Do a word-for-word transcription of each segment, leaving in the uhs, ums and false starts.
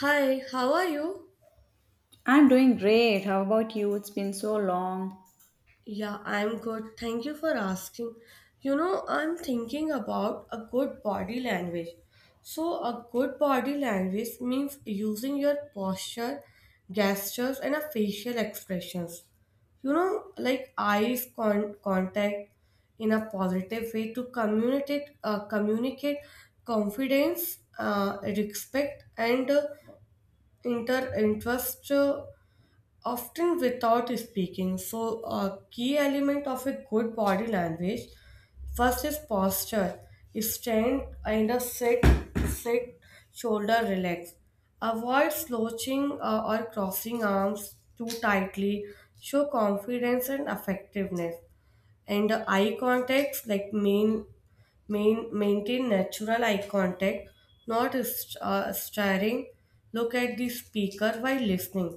Hi, how are you? I'm doing great. How about you? It's been so long. Yeah, I'm good. Thank you for asking. You know, I'm thinking about a good body language. So, a good body language means using your posture, gestures, and a facial expressions. You know, like eyes con- contact in a positive way to communicate, uh, communicate confidence, uh, respect, and uh, inter interest. Uh, often without speaking. So, a key element of a good body language first is posture. Stand in a sit, sit, shoulder relax. Avoid slouching uh, or crossing arms too tightly. Show confidence and effectiveness, and eye contacts like main main maintain natural eye contact, not st- uh, staring. Look at the speaker while listening,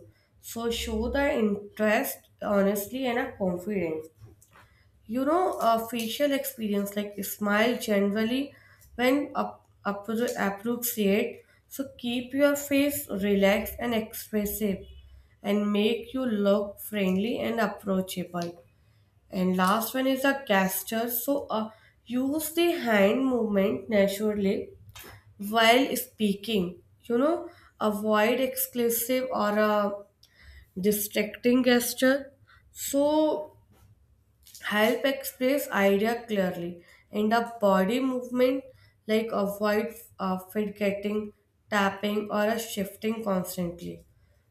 so show the interest honestly and a confidence. You know, a facial experience, like smile generally when up, appro- appropriate, so keep your face relaxed and expressive and make you look friendly and approachable. And last one is a gesture. So uh, use the hand movement naturally while speaking. You know, avoid exclusive or a distracting gesture. So help express idea clearly. And a body movement like avoid uh, fidgeting, tapping, or a shifting constantly.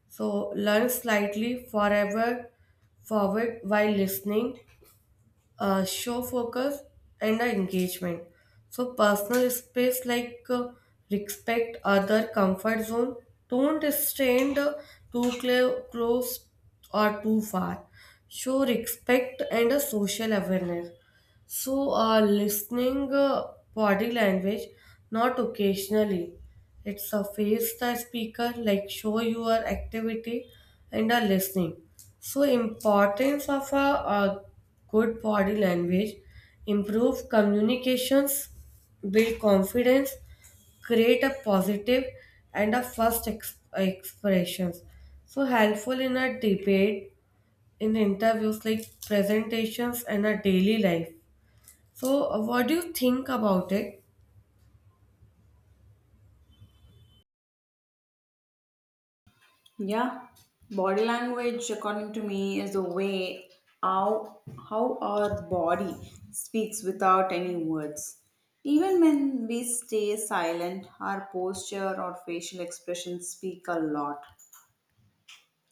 So learn slightly forever forward while listening, uh, show focus and uh, engagement. So personal space like uh, respect other comfort zone. Don't stand uh, too cl- close or too far. Show respect and a social awareness. So, uh, listening uh, body language, not occasionally. It's a face the speaker, like show your activity and are listening. So, importance of a, a good body language, improve communications, build confidence, create a positive and a first ex- expressions. So helpful in a debate, in interviews like presentations and a daily life. So, uh, what do you think about it? Yeah, body language, according to me, is the way how how our body speaks without any words. Even when we stay silent, our posture or facial expressions speak a lot.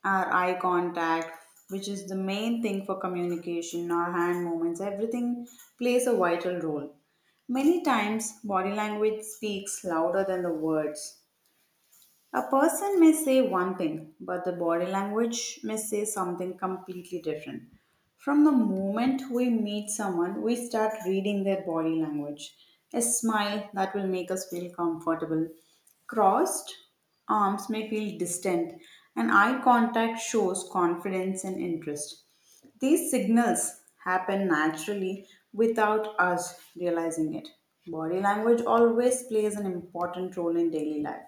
Our eye contact, which is the main thing for communication, our hand movements, everything plays a vital role. Many times, body language speaks louder than the words. A person may say one thing, but the body language may say something completely different. From the moment we meet someone, we start reading their body language. A smile that will make us feel comfortable. Crossed arms may feel distant, and eye contact shows confidence and interest. These signals happen naturally without us realizing it. Body language always plays an important role in daily life.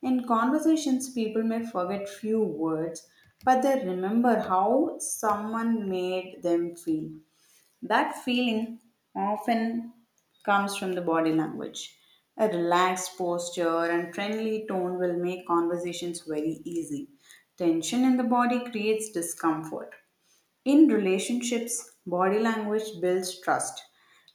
In conversations, people may forget few words, but they remember how someone made them feel. That feeling often comes from the body language. A relaxed posture and friendly tone will make conversations very easy. Tension in the body creates discomfort. In relationships, body language builds trust.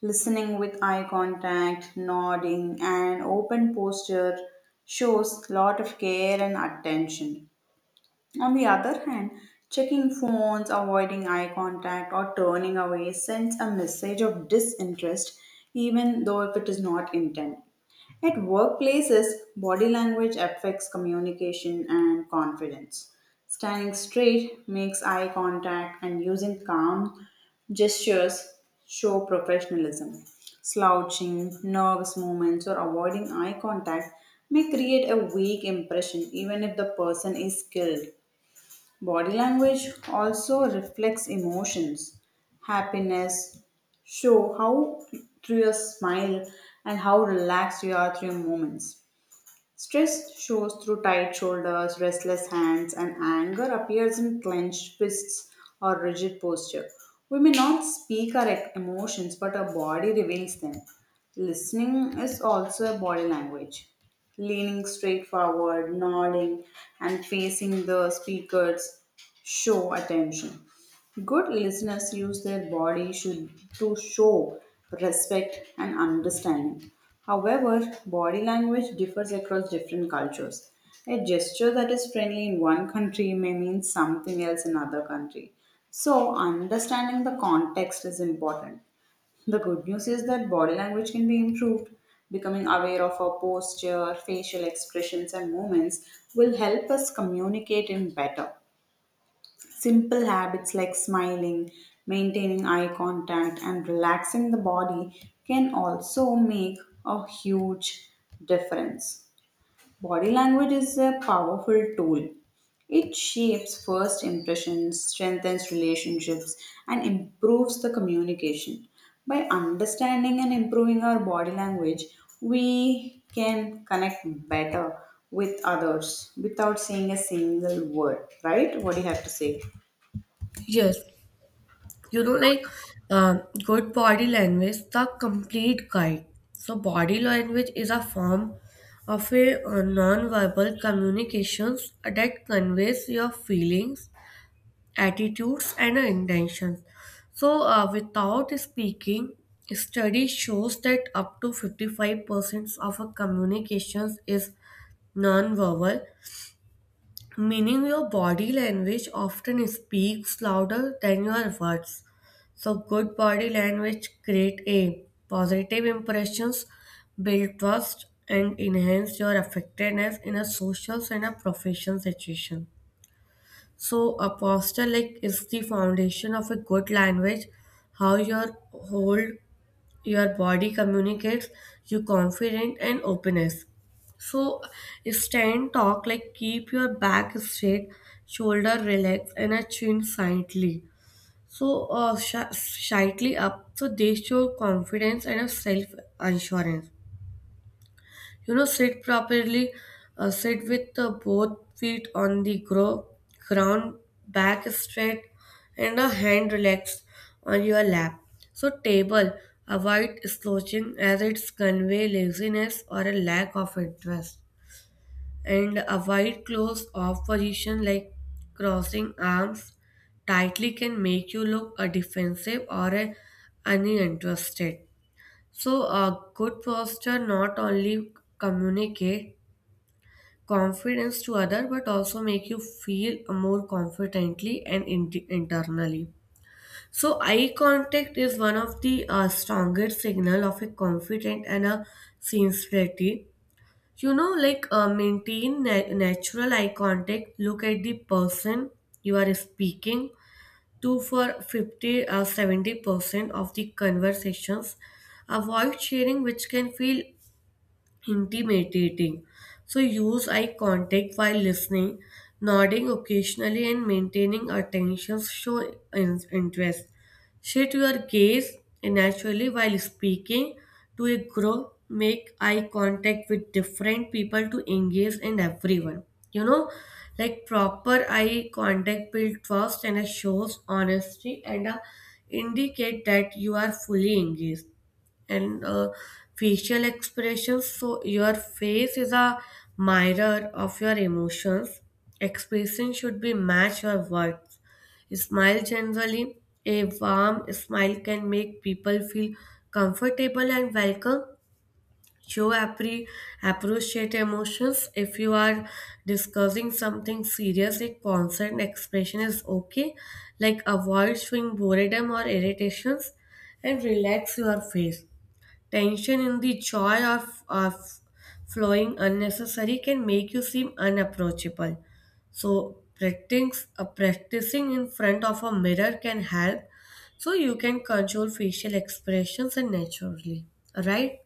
Listening with eye contact, nodding, and open posture shows lot of care and attention. On the other hand, checking phones, avoiding eye contact, or turning away sends a message of disinterest, even though if it is not intended. At workplaces, body language affects communication and confidence. Standing straight makes eye contact, and using calm gestures show professionalism. Slouching, nervous movements, or avoiding eye contact may create a weak impression even if the person is skilled. Body language also reflects emotions. Happiness show how through your smile and how relaxed you are through your moments. Stress shows through tight shoulders, restless hands, and anger appears in clenched fists or rigid posture. We may not speak our ec- emotions, but our body reveals them. Listening is also a body language. Leaning straight forward, nodding, and facing the speakers show attention. Good listeners use their body should to show respect and understanding. However, body language differs across different cultures. A gesture that is friendly in one country may mean something else in another country. So, understanding the context is important. The good news is that body language can be improved. Becoming aware of our posture, facial expressions, and movements will help us communicate in better. Simple habits like smiling, maintaining eye contact, and relaxing the body can also make a huge difference. Body language is a powerful tool. It shapes first impressions, strengthens relationships, and improves the communication. By understanding and improving our body language, we can connect better with others without saying a single word, right? What do you have to say? Yes, you know, like um, good body language, the complete guide. So, body language is a form of a uh, non-verbal communications that conveys your feelings, attitudes, and uh, intentions. So, uh, without speaking, study shows that up to fifty-five percent of a communications is non-verbal, meaning your body language often speaks louder than your words. So good body language create a positive impressions, build trust, and enhance your effectiveness in a social and a professional situation. So a posture like is the foundation of a good language, how your whole your body communicates you confidence and openness, so stand talk like keep your back straight, shoulder relaxed, and a chin slightly, so uh, sh- slightly up so they show confidence and a self assurance. You know, sit properly, uh, sit with uh, both feet on the gro- ground, back straight and a hand relaxed on your lap, so table avoid slouching as it's convey laziness or a lack of interest, and avoid close off position like crossing arms tightly can make you look a defensive or a uninterested. So a good posture not only communicate confidence to other but also make you feel more confidently and in- internally. So eye contact is one of the uh, strongest signal of a confident and a sincerity. You know, like uh, maintain na- natural eye contact, look at the person you are speaking to for fifty or seventy percent of the conversations. Avoid sharing which can feel intimidating. So use eye contact while listening, nodding occasionally and maintaining attention show in- interest. Shift your gaze naturally while speaking to a group. Make eye contact with different people to engage and everyone. You know, like proper eye contact build trust and it shows honesty and uh, indicate that you are fully engaged and uh, facial expressions. So, your face is a mirror of your emotions. Expression should be match your words. Smile generally. A warm smile can make people feel comfortable and welcome. Show appre- appreciate emotions. If you are discussing something serious, a concerned expression is okay. Like avoid showing boredom or irritations and relax your face. Tension in the joy of, of flowing unnecessary can make you seem unapproachable. So practicing, uh, practicing in front of a mirror can help so you can control facial expressions and naturally. Right?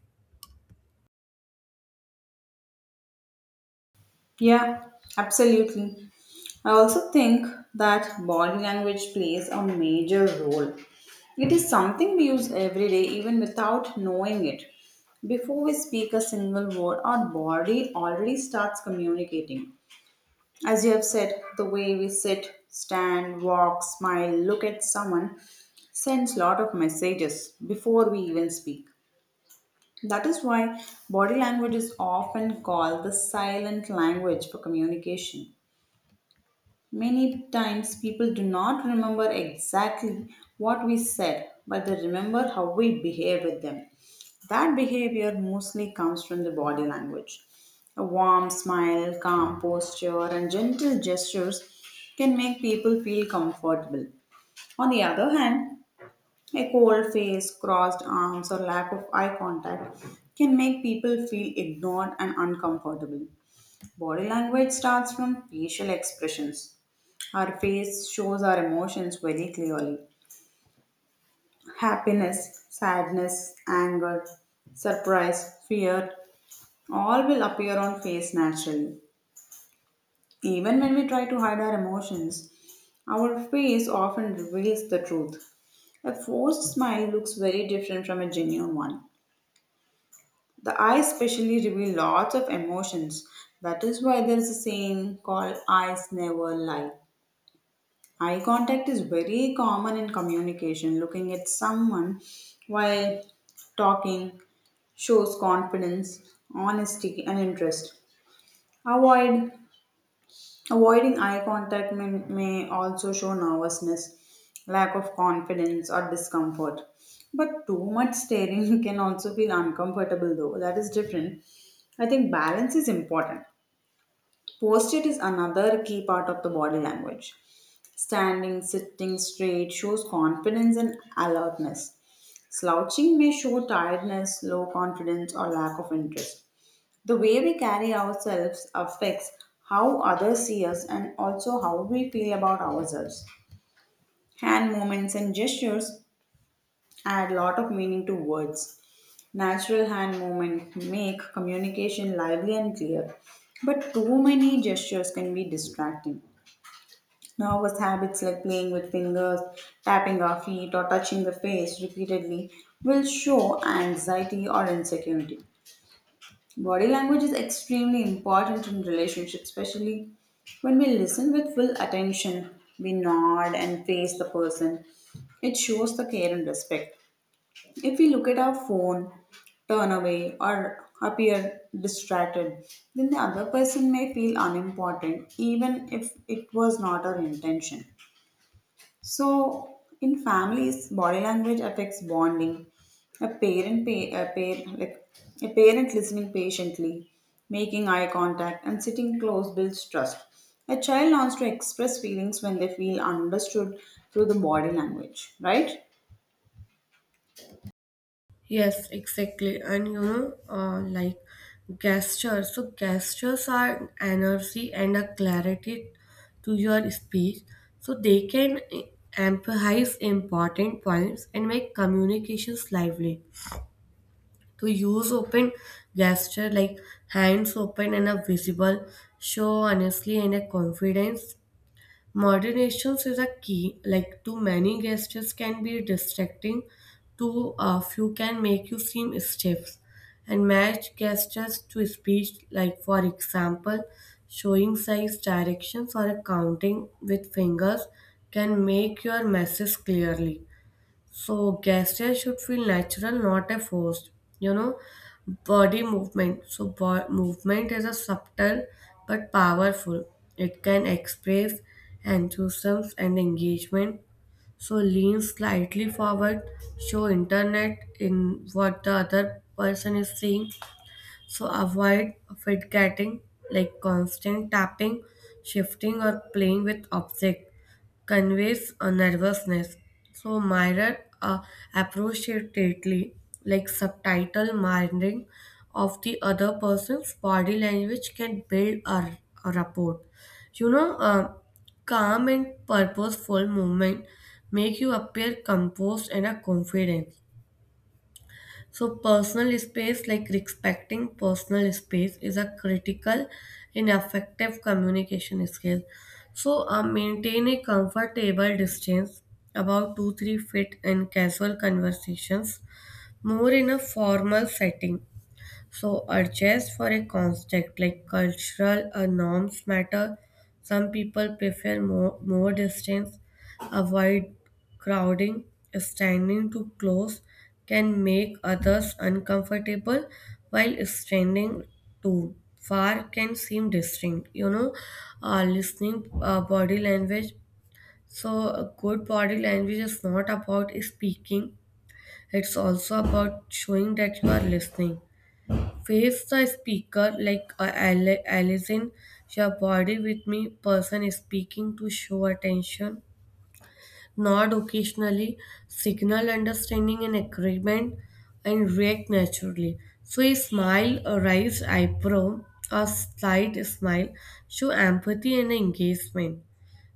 Yeah, absolutely. I also think that body language plays a major role. It is something we use every day, even without knowing it. Before we speak a single word, our body already starts communicating. As you have said, the way we sit, stand, walk, smile, look at someone sends lot of messages before we even speak. That is why body language is often called the silent language for communication. Many times people do not remember exactly what we said, but they remember how we behave with them. That behavior mostly comes from the body language. A warm smile, calm posture, and gentle gestures can make people feel comfortable. On the other hand, a cold face, crossed arms, or lack of eye contact can make people feel ignored and uncomfortable. Body language starts from facial expressions. Our face shows our emotions very clearly: happiness, sadness, anger, surprise, fear all will appear on face naturally. Even when we try to hide our emotions, our face often reveals the truth. A forced smile looks very different from a genuine one. The eyes specially reveal lots of emotions. That is why there is a saying called eyes never lie. Eye contact is very common in communication. Looking at someone while talking shows confidence, honesty, and interest. Avoid Avoiding eye contact may, may also show nervousness, lack of confidence, or discomfort. But too much staring can also feel uncomfortable, though. That is different. I think balance is important. Posture is another key part of the body language. Standing, sitting straight shows confidence and alertness. Slouching may show tiredness, low confidence, or lack of interest. The way we carry ourselves affects how others see us and also how we feel about ourselves. Hand movements and gestures add a lot of meaning to words. Natural hand movement make communication lively and clear, but too many gestures can be distracting. Nervous habits like playing with fingers, tapping our feet, or touching the face repeatedly will show anxiety or insecurity. Body language is extremely important in relationships, especially when we listen with full attention. We nod and face the person. It shows the care and respect. If we look at our phone, turn away, or appear distracted, then the other person may feel unimportant, even if it was not our intention. So, in families, body language affects bonding. A parent, pay, a parent, like a parent listening patiently, making eye contact, and sitting close builds trust. A child learns to express feelings when they feel understood through the body language, right? Yes, exactly. And you know, uh, like gestures. So, gestures are energy and a clarity to your speech. So, they can emphasize important points and make communications lively. To use open gesture like hands open and a visible show honestly and a confidence. Moderations is a key, like too many gestures can be distracting, too uh, few can make you seem stiff. And match gestures to speech, like for example, showing size directions or counting with fingers can make your message clearly. So gesture should feel natural, not a forced. You know, body movement. So bo- movement is a subtle but powerful. It can express enthusiasm and engagement. So lean slightly forward, show internet in what the other person is seeing, so avoid fidgeting, like constant tapping, shifting, or playing with objects conveys a nervousness. So mirror uh, appreciatively, like subtitle mirroring of the other person's body language can build a, a rapport. You know, uh, calm and purposeful movement make you appear composed and a confident. So, personal space, like respecting personal space, is a critical in effective communication skill. So, uh, maintain a comfortable distance, about two three feet in casual conversations, more in a formal setting. So, urges for a construct like cultural uh, norms matter. Some people prefer more, more distance, avoid crowding, standing too close can make others uncomfortable, while standing too far can seem distinct. You know, uh, listening uh, body language. So, a good body language is not about speaking, it's also about showing that you are listening, face the speaker like a Al- Allison, your body with me, person speaking to show attention, nod occasionally, signal understanding and agreement, and react naturally. So a smile, a raised eyebrow, a slight smile show empathy and engagement.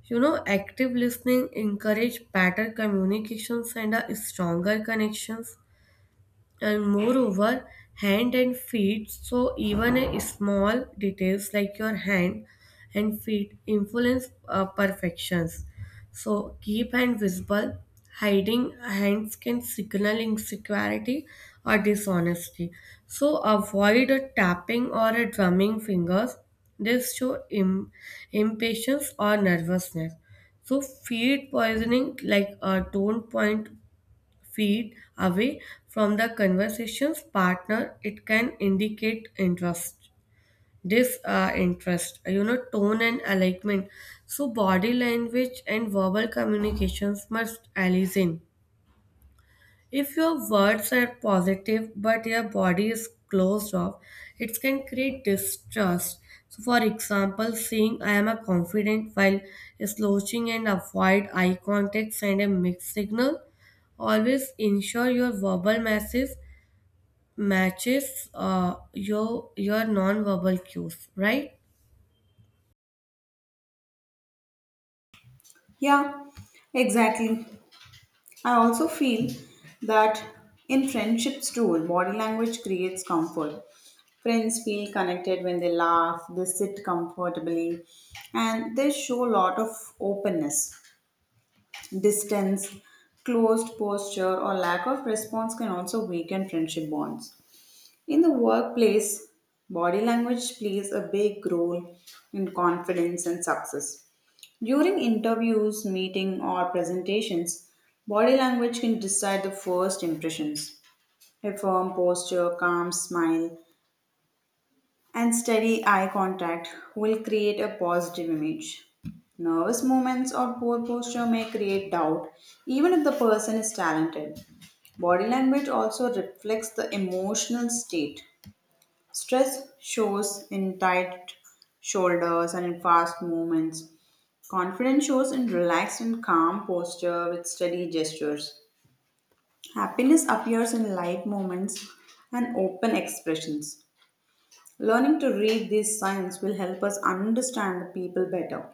You know, active listening encourage better communications and a stronger connections, and moreover hand and feet, so even a small details like your hand and feet influence uh, perfections. So keep hand visible, hiding hands can signal insecurity or dishonesty. So avoid a tapping or a drumming fingers, this show Im- impatience or nervousness. So feet poisoning like uh, don't point feet away from the conversation's partner, it can indicate interest, disinterest. You know, tone and alignment. So, body language and verbal communications must align. If your words are positive but your body is closed off, it can create distrust. So, for example, saying I am a confident while slouching and avoid eye contact send a mixed signal. Always ensure your verbal message matches uh, your your non-verbal cues, right? Yeah, exactly. I also feel that in friendships too, body language creates comfort. Friends feel connected when they laugh, they sit comfortably, and they show a lot of openness. Distance, closed posture, or lack of response can also weaken friendship bonds. In the workplace, body language plays a big role in confidence and success. During interviews, meeting or presentations, body language can decide the first impressions. A firm posture, calm smile, and steady eye contact will create a positive image. Nervous movements or poor posture may create doubt, even if the person is talented. Body language also reflects the emotional state. Stress shows in tight shoulders and in fast movements. Confidence shows in relaxed and calm posture with steady gestures. Happiness appears in light moments and open expressions. Learning to read these signs will help us understand the people better.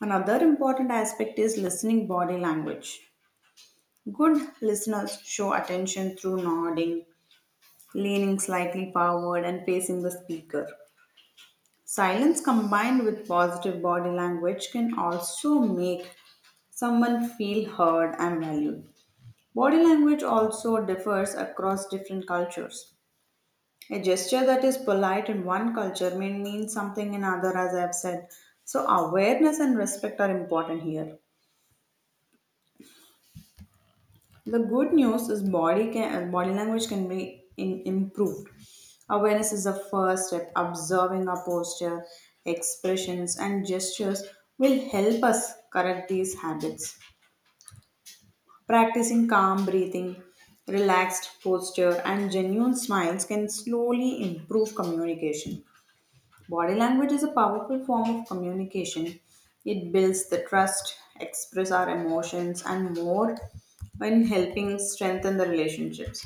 Another important aspect is listening body language. Good listeners show attention through nodding, leaning slightly forward, and facing the speaker. Silence combined with positive body language can also make someone feel heard and valued. Body language also differs across different cultures. A gesture that is polite in one culture may mean something in another, as I've said. So, awareness and respect are important here. The good news is body can uh, body language can be in, improved. Awareness is the first step. Observing our posture, expressions, and gestures will help us correct these habits. Practicing calm breathing, relaxed posture, and genuine smiles can slowly improve communication. Body language is a powerful form of communication. It builds the trust, express our emotions, and more when helping strengthen the relationships.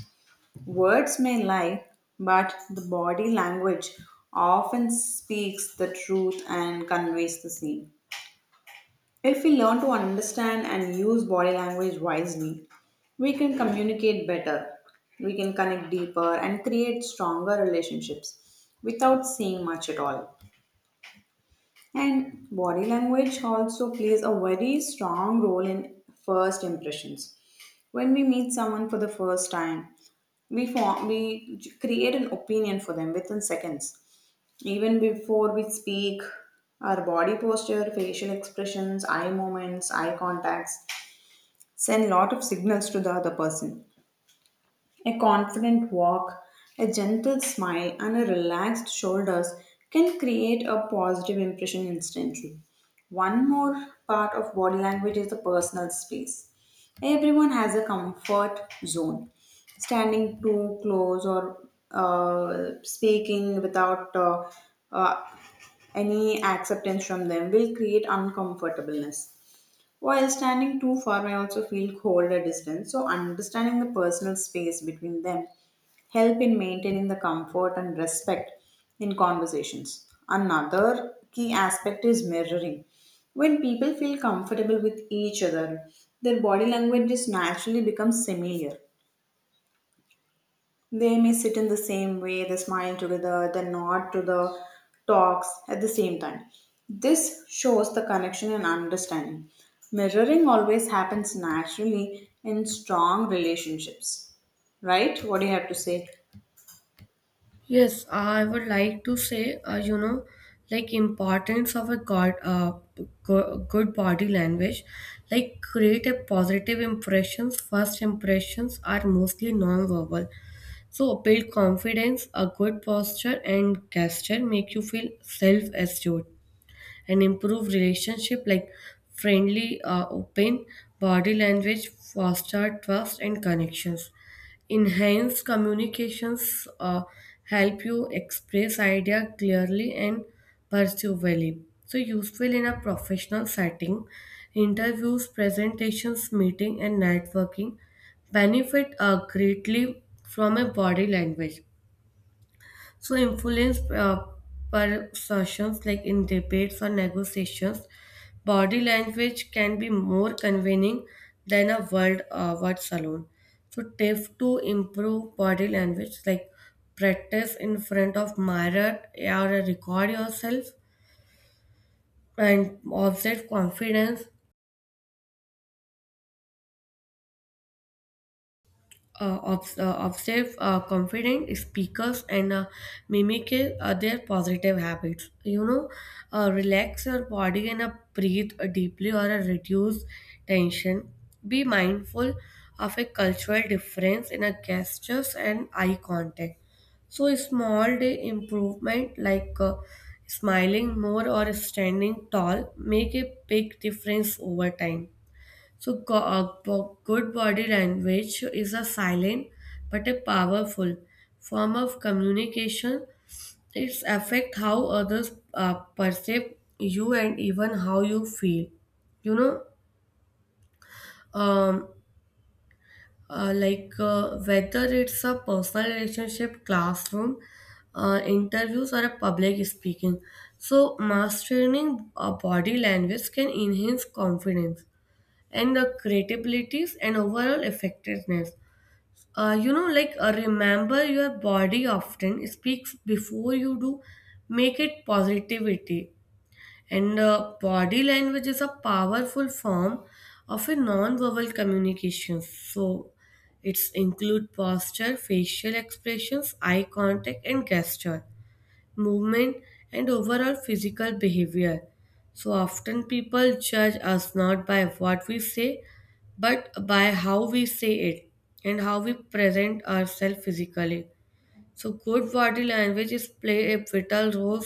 Words may lie, but the body language often speaks the truth and conveys the same. If we learn to understand and use body language wisely, we can communicate better, we can connect deeper, and create stronger relationships without saying much at all. And body language also plays a very strong role in first impressions. When we meet someone for the first time, we form, we j- create an opinion for them within seconds. Even before we speak, our body posture, facial expressions, eye movements, eye contacts send lot of signals to the other person. A confident walk, a gentle smile, and a relaxed shoulders can create a positive impression instantly. One more part of body language is the personal space. Everyone has a comfort zone. Standing too close or uh, speaking without uh, uh, any acceptance from them will create uncomfortableness, while standing too far may also feel cold at distance, so understanding the personal space between them help in maintaining the comfort and respect in conversations. Another key aspect is mirroring. When people feel comfortable with each other, their body language just naturally becomes familiar. They may sit in the same way, they smile together, they nod to the talks at the same time. This shows the connection and understanding. Mirroring always happens naturally in strong relationships. Right? What do you have to say? Yes, I would like to say, uh, you know, like importance of a god, uh, go- good body language, like create a positive impressions. First impressions are mostly non-verbal. So build confidence, a good posture and gesture make you feel self-assured and improve relationship like friendly, uh, open body language, foster trust and connections. Enhanced communications uh, help you express idea clearly and pursue value. So useful in a professional setting, interviews, presentations, meeting and networking benefit uh, greatly from a body language, so influence uh, persuasions like in debates or negotiations, body language can be more convincing than a word uh, words alone. So tip to improve body language like practice in front of mirror or record yourself and observe confidence, uh, obs- uh, observe uh, confident speakers and uh, mimic uh, their positive habits. You know, uh, relax your body and uh, breathe deeply or uh, reduce tension. Be mindful of a cultural difference in a gestures and eye contact. So, a small day improvement like uh, smiling more or standing tall make a big difference over time. So, go- uh, bo- good body language is a silent but a powerful form of communication. It affects how others uh, perceive you and even how you feel. You know, um, uh, like uh, whether it's a personal relationship, classroom, uh, interviews, or a public speaking. So, mastering uh, body language can enhance confidence and the creativities and overall effectiveness. Uh, you know, like uh, remember your body often speaks before you do, make it positivity and uh, body language is a powerful form of a non-verbal communication, so it's include posture, facial expressions, eye contact, and gesture movement, and overall physical behavior. So often people judge us not by what we say, but by how we say it and how we present ourselves physically. So good body language is play a vital role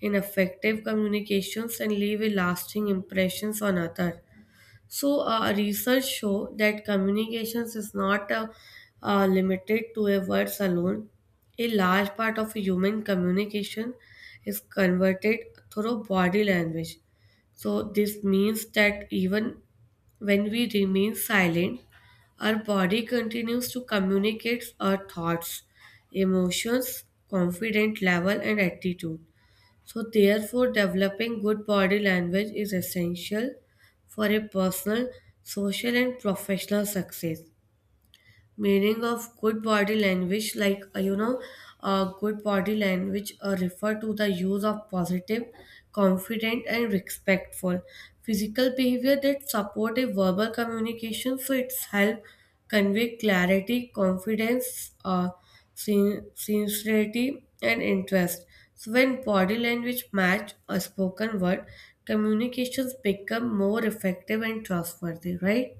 in effective communications and leave a lasting impressions on others. So, uh, research show that communications is not uh, uh, limited to a words alone. A large part of human communication is converted through body language. So, this means that even when we remain silent, our body continues to communicate our thoughts, emotions, confident level, and attitude. So, therefore, developing good body language is essential for a personal, social, and professional success. Meaning of good body language, like, uh, you know, uh, good body language uh, refer to the use of positive, confident, and respectful physical behavior that support a verbal communication, so it's help convey clarity, confidence, uh, sin- sincerity, and interest. So when body language match a spoken word, communications become more effective and trustworthy, right?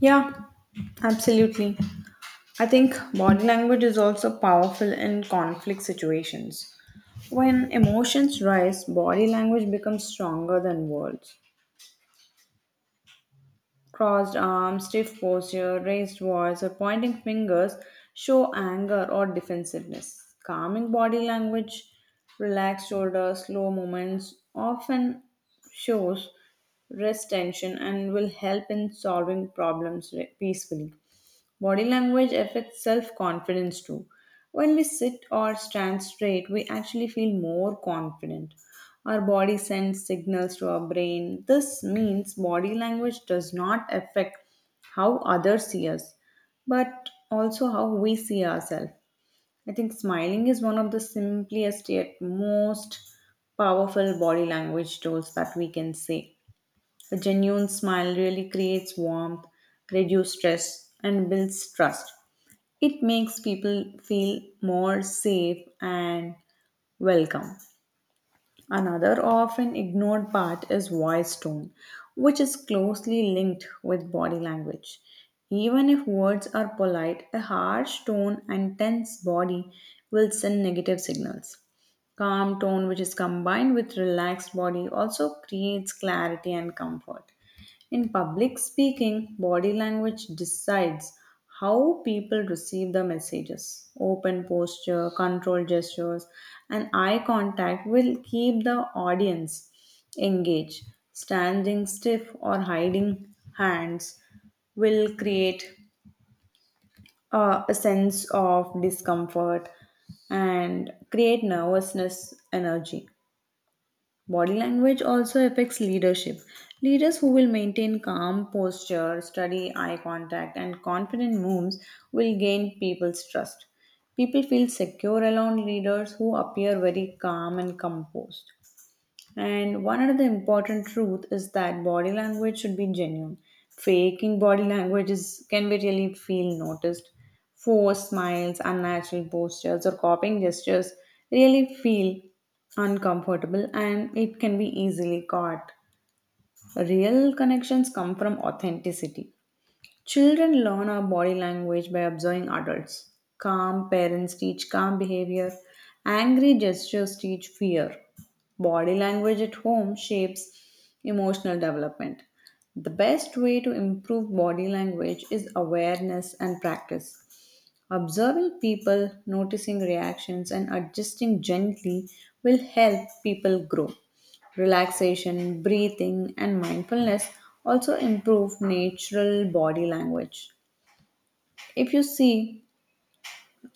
Yeah, absolutely. I think body language is also powerful in conflict situations. When emotions rise, body language becomes stronger than words. Crossed arms, stiff posture, raised voice, or pointing fingers show anger or defensiveness. Calming body language, relaxed shoulders, slow movements often shows rest tension and will help in solving problems re- peacefully. Body language affects self confidence too. When we sit or stand straight, we actually feel more confident. Our body sends signals to our brain. This means body language does not affect how others see us, but also how we see ourselves. I think smiling is one of the simplest yet most powerful body language tools that we can say. A genuine smile really creates warmth, reduces stress, and builds trust. It makes people feel more safe and welcome. Another often ignored part is voice tone, which is closely linked with body language. Even if words are polite, a harsh tone and tense body will send negative signals. Calm tone, which is combined with relaxed body, also creates clarity and comfort. In public speaking, body language decides how people receive the messages. Open posture, controlled gestures, and eye contact will keep the audience engaged. Standing stiff or hiding hands will create uh, a sense of discomfort and create nervousness energy. Body language also affects leadership. Leaders who will maintain calm posture, study eye contact, and confident moves will gain people's trust. People feel secure around leaders who appear very calm and composed. And one another important truth is that body language should be genuine. Faking body language is, can be really feel noticed. Forced smiles, unnatural postures, or copying gestures really feel uncomfortable, and it can be easily caught. Real connections come from authenticity. Children learn our body language by observing adults. Calm parents teach calm behavior. Angry gestures teach fear. Body language at home shapes emotional development. The best way to improve body language is awareness and practice. Observing people, noticing reactions, and adjusting gently will help people grow. Relaxation, breathing, and mindfulness also improve natural body language. If you see,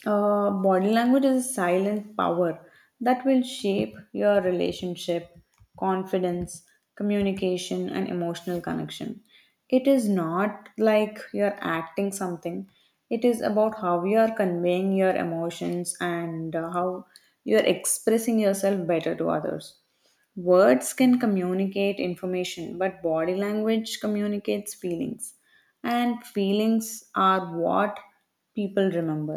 uh, body language is a silent power that will shape your relationship, confidence, communication, and emotional connection. It is not like you're acting something, it is about how you are conveying your emotions, and uh, how you're expressing yourself better to others. Words can communicate information, but body language communicates feelings. And feelings are what people remember.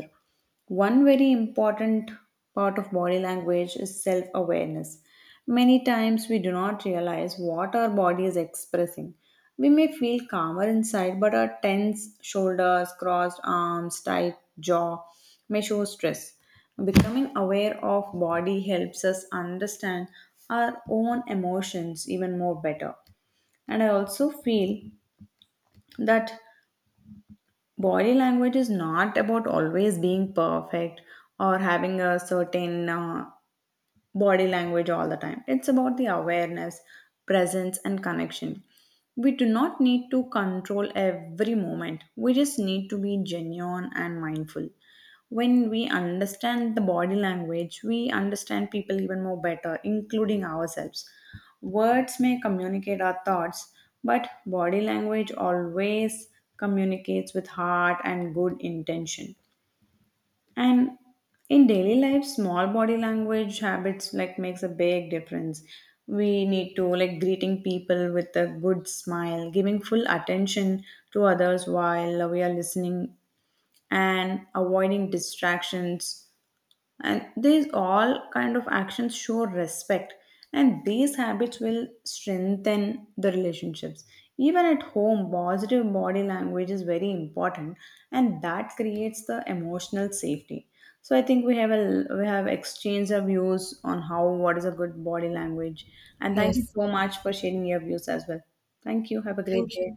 One very important part of body language is self awareness. Many times we do not realize what our body is expressing. We may feel calmer inside, but our tense shoulders, crossed arms, tight jaw may show stress. Becoming aware of body helps us understand our own emotions even more better. And I also feel that body language is not about always being perfect or having a certain uh, body language all the time. It's about the awareness, presence, and connection. We do not need to control every moment, we just need to be genuine and mindful. When we understand the body language, we understand people even more better, including ourselves. Words may communicate our thoughts, but body language always communicates with heart and good intention. And in daily life, small body language habits like makes a big difference. We need to like greeting people with a good smile, giving full attention to others while we are listening and avoiding distractions, and these all kind of actions show respect, and these habits will strengthen the relationships. Even at home, positive body language is very important, and that creates the emotional safety. So I think we have a we have exchanged our views on how what is a good body language, and thank you Yes. so much for sharing your views as well. Thank you. Have a great Thank day. you.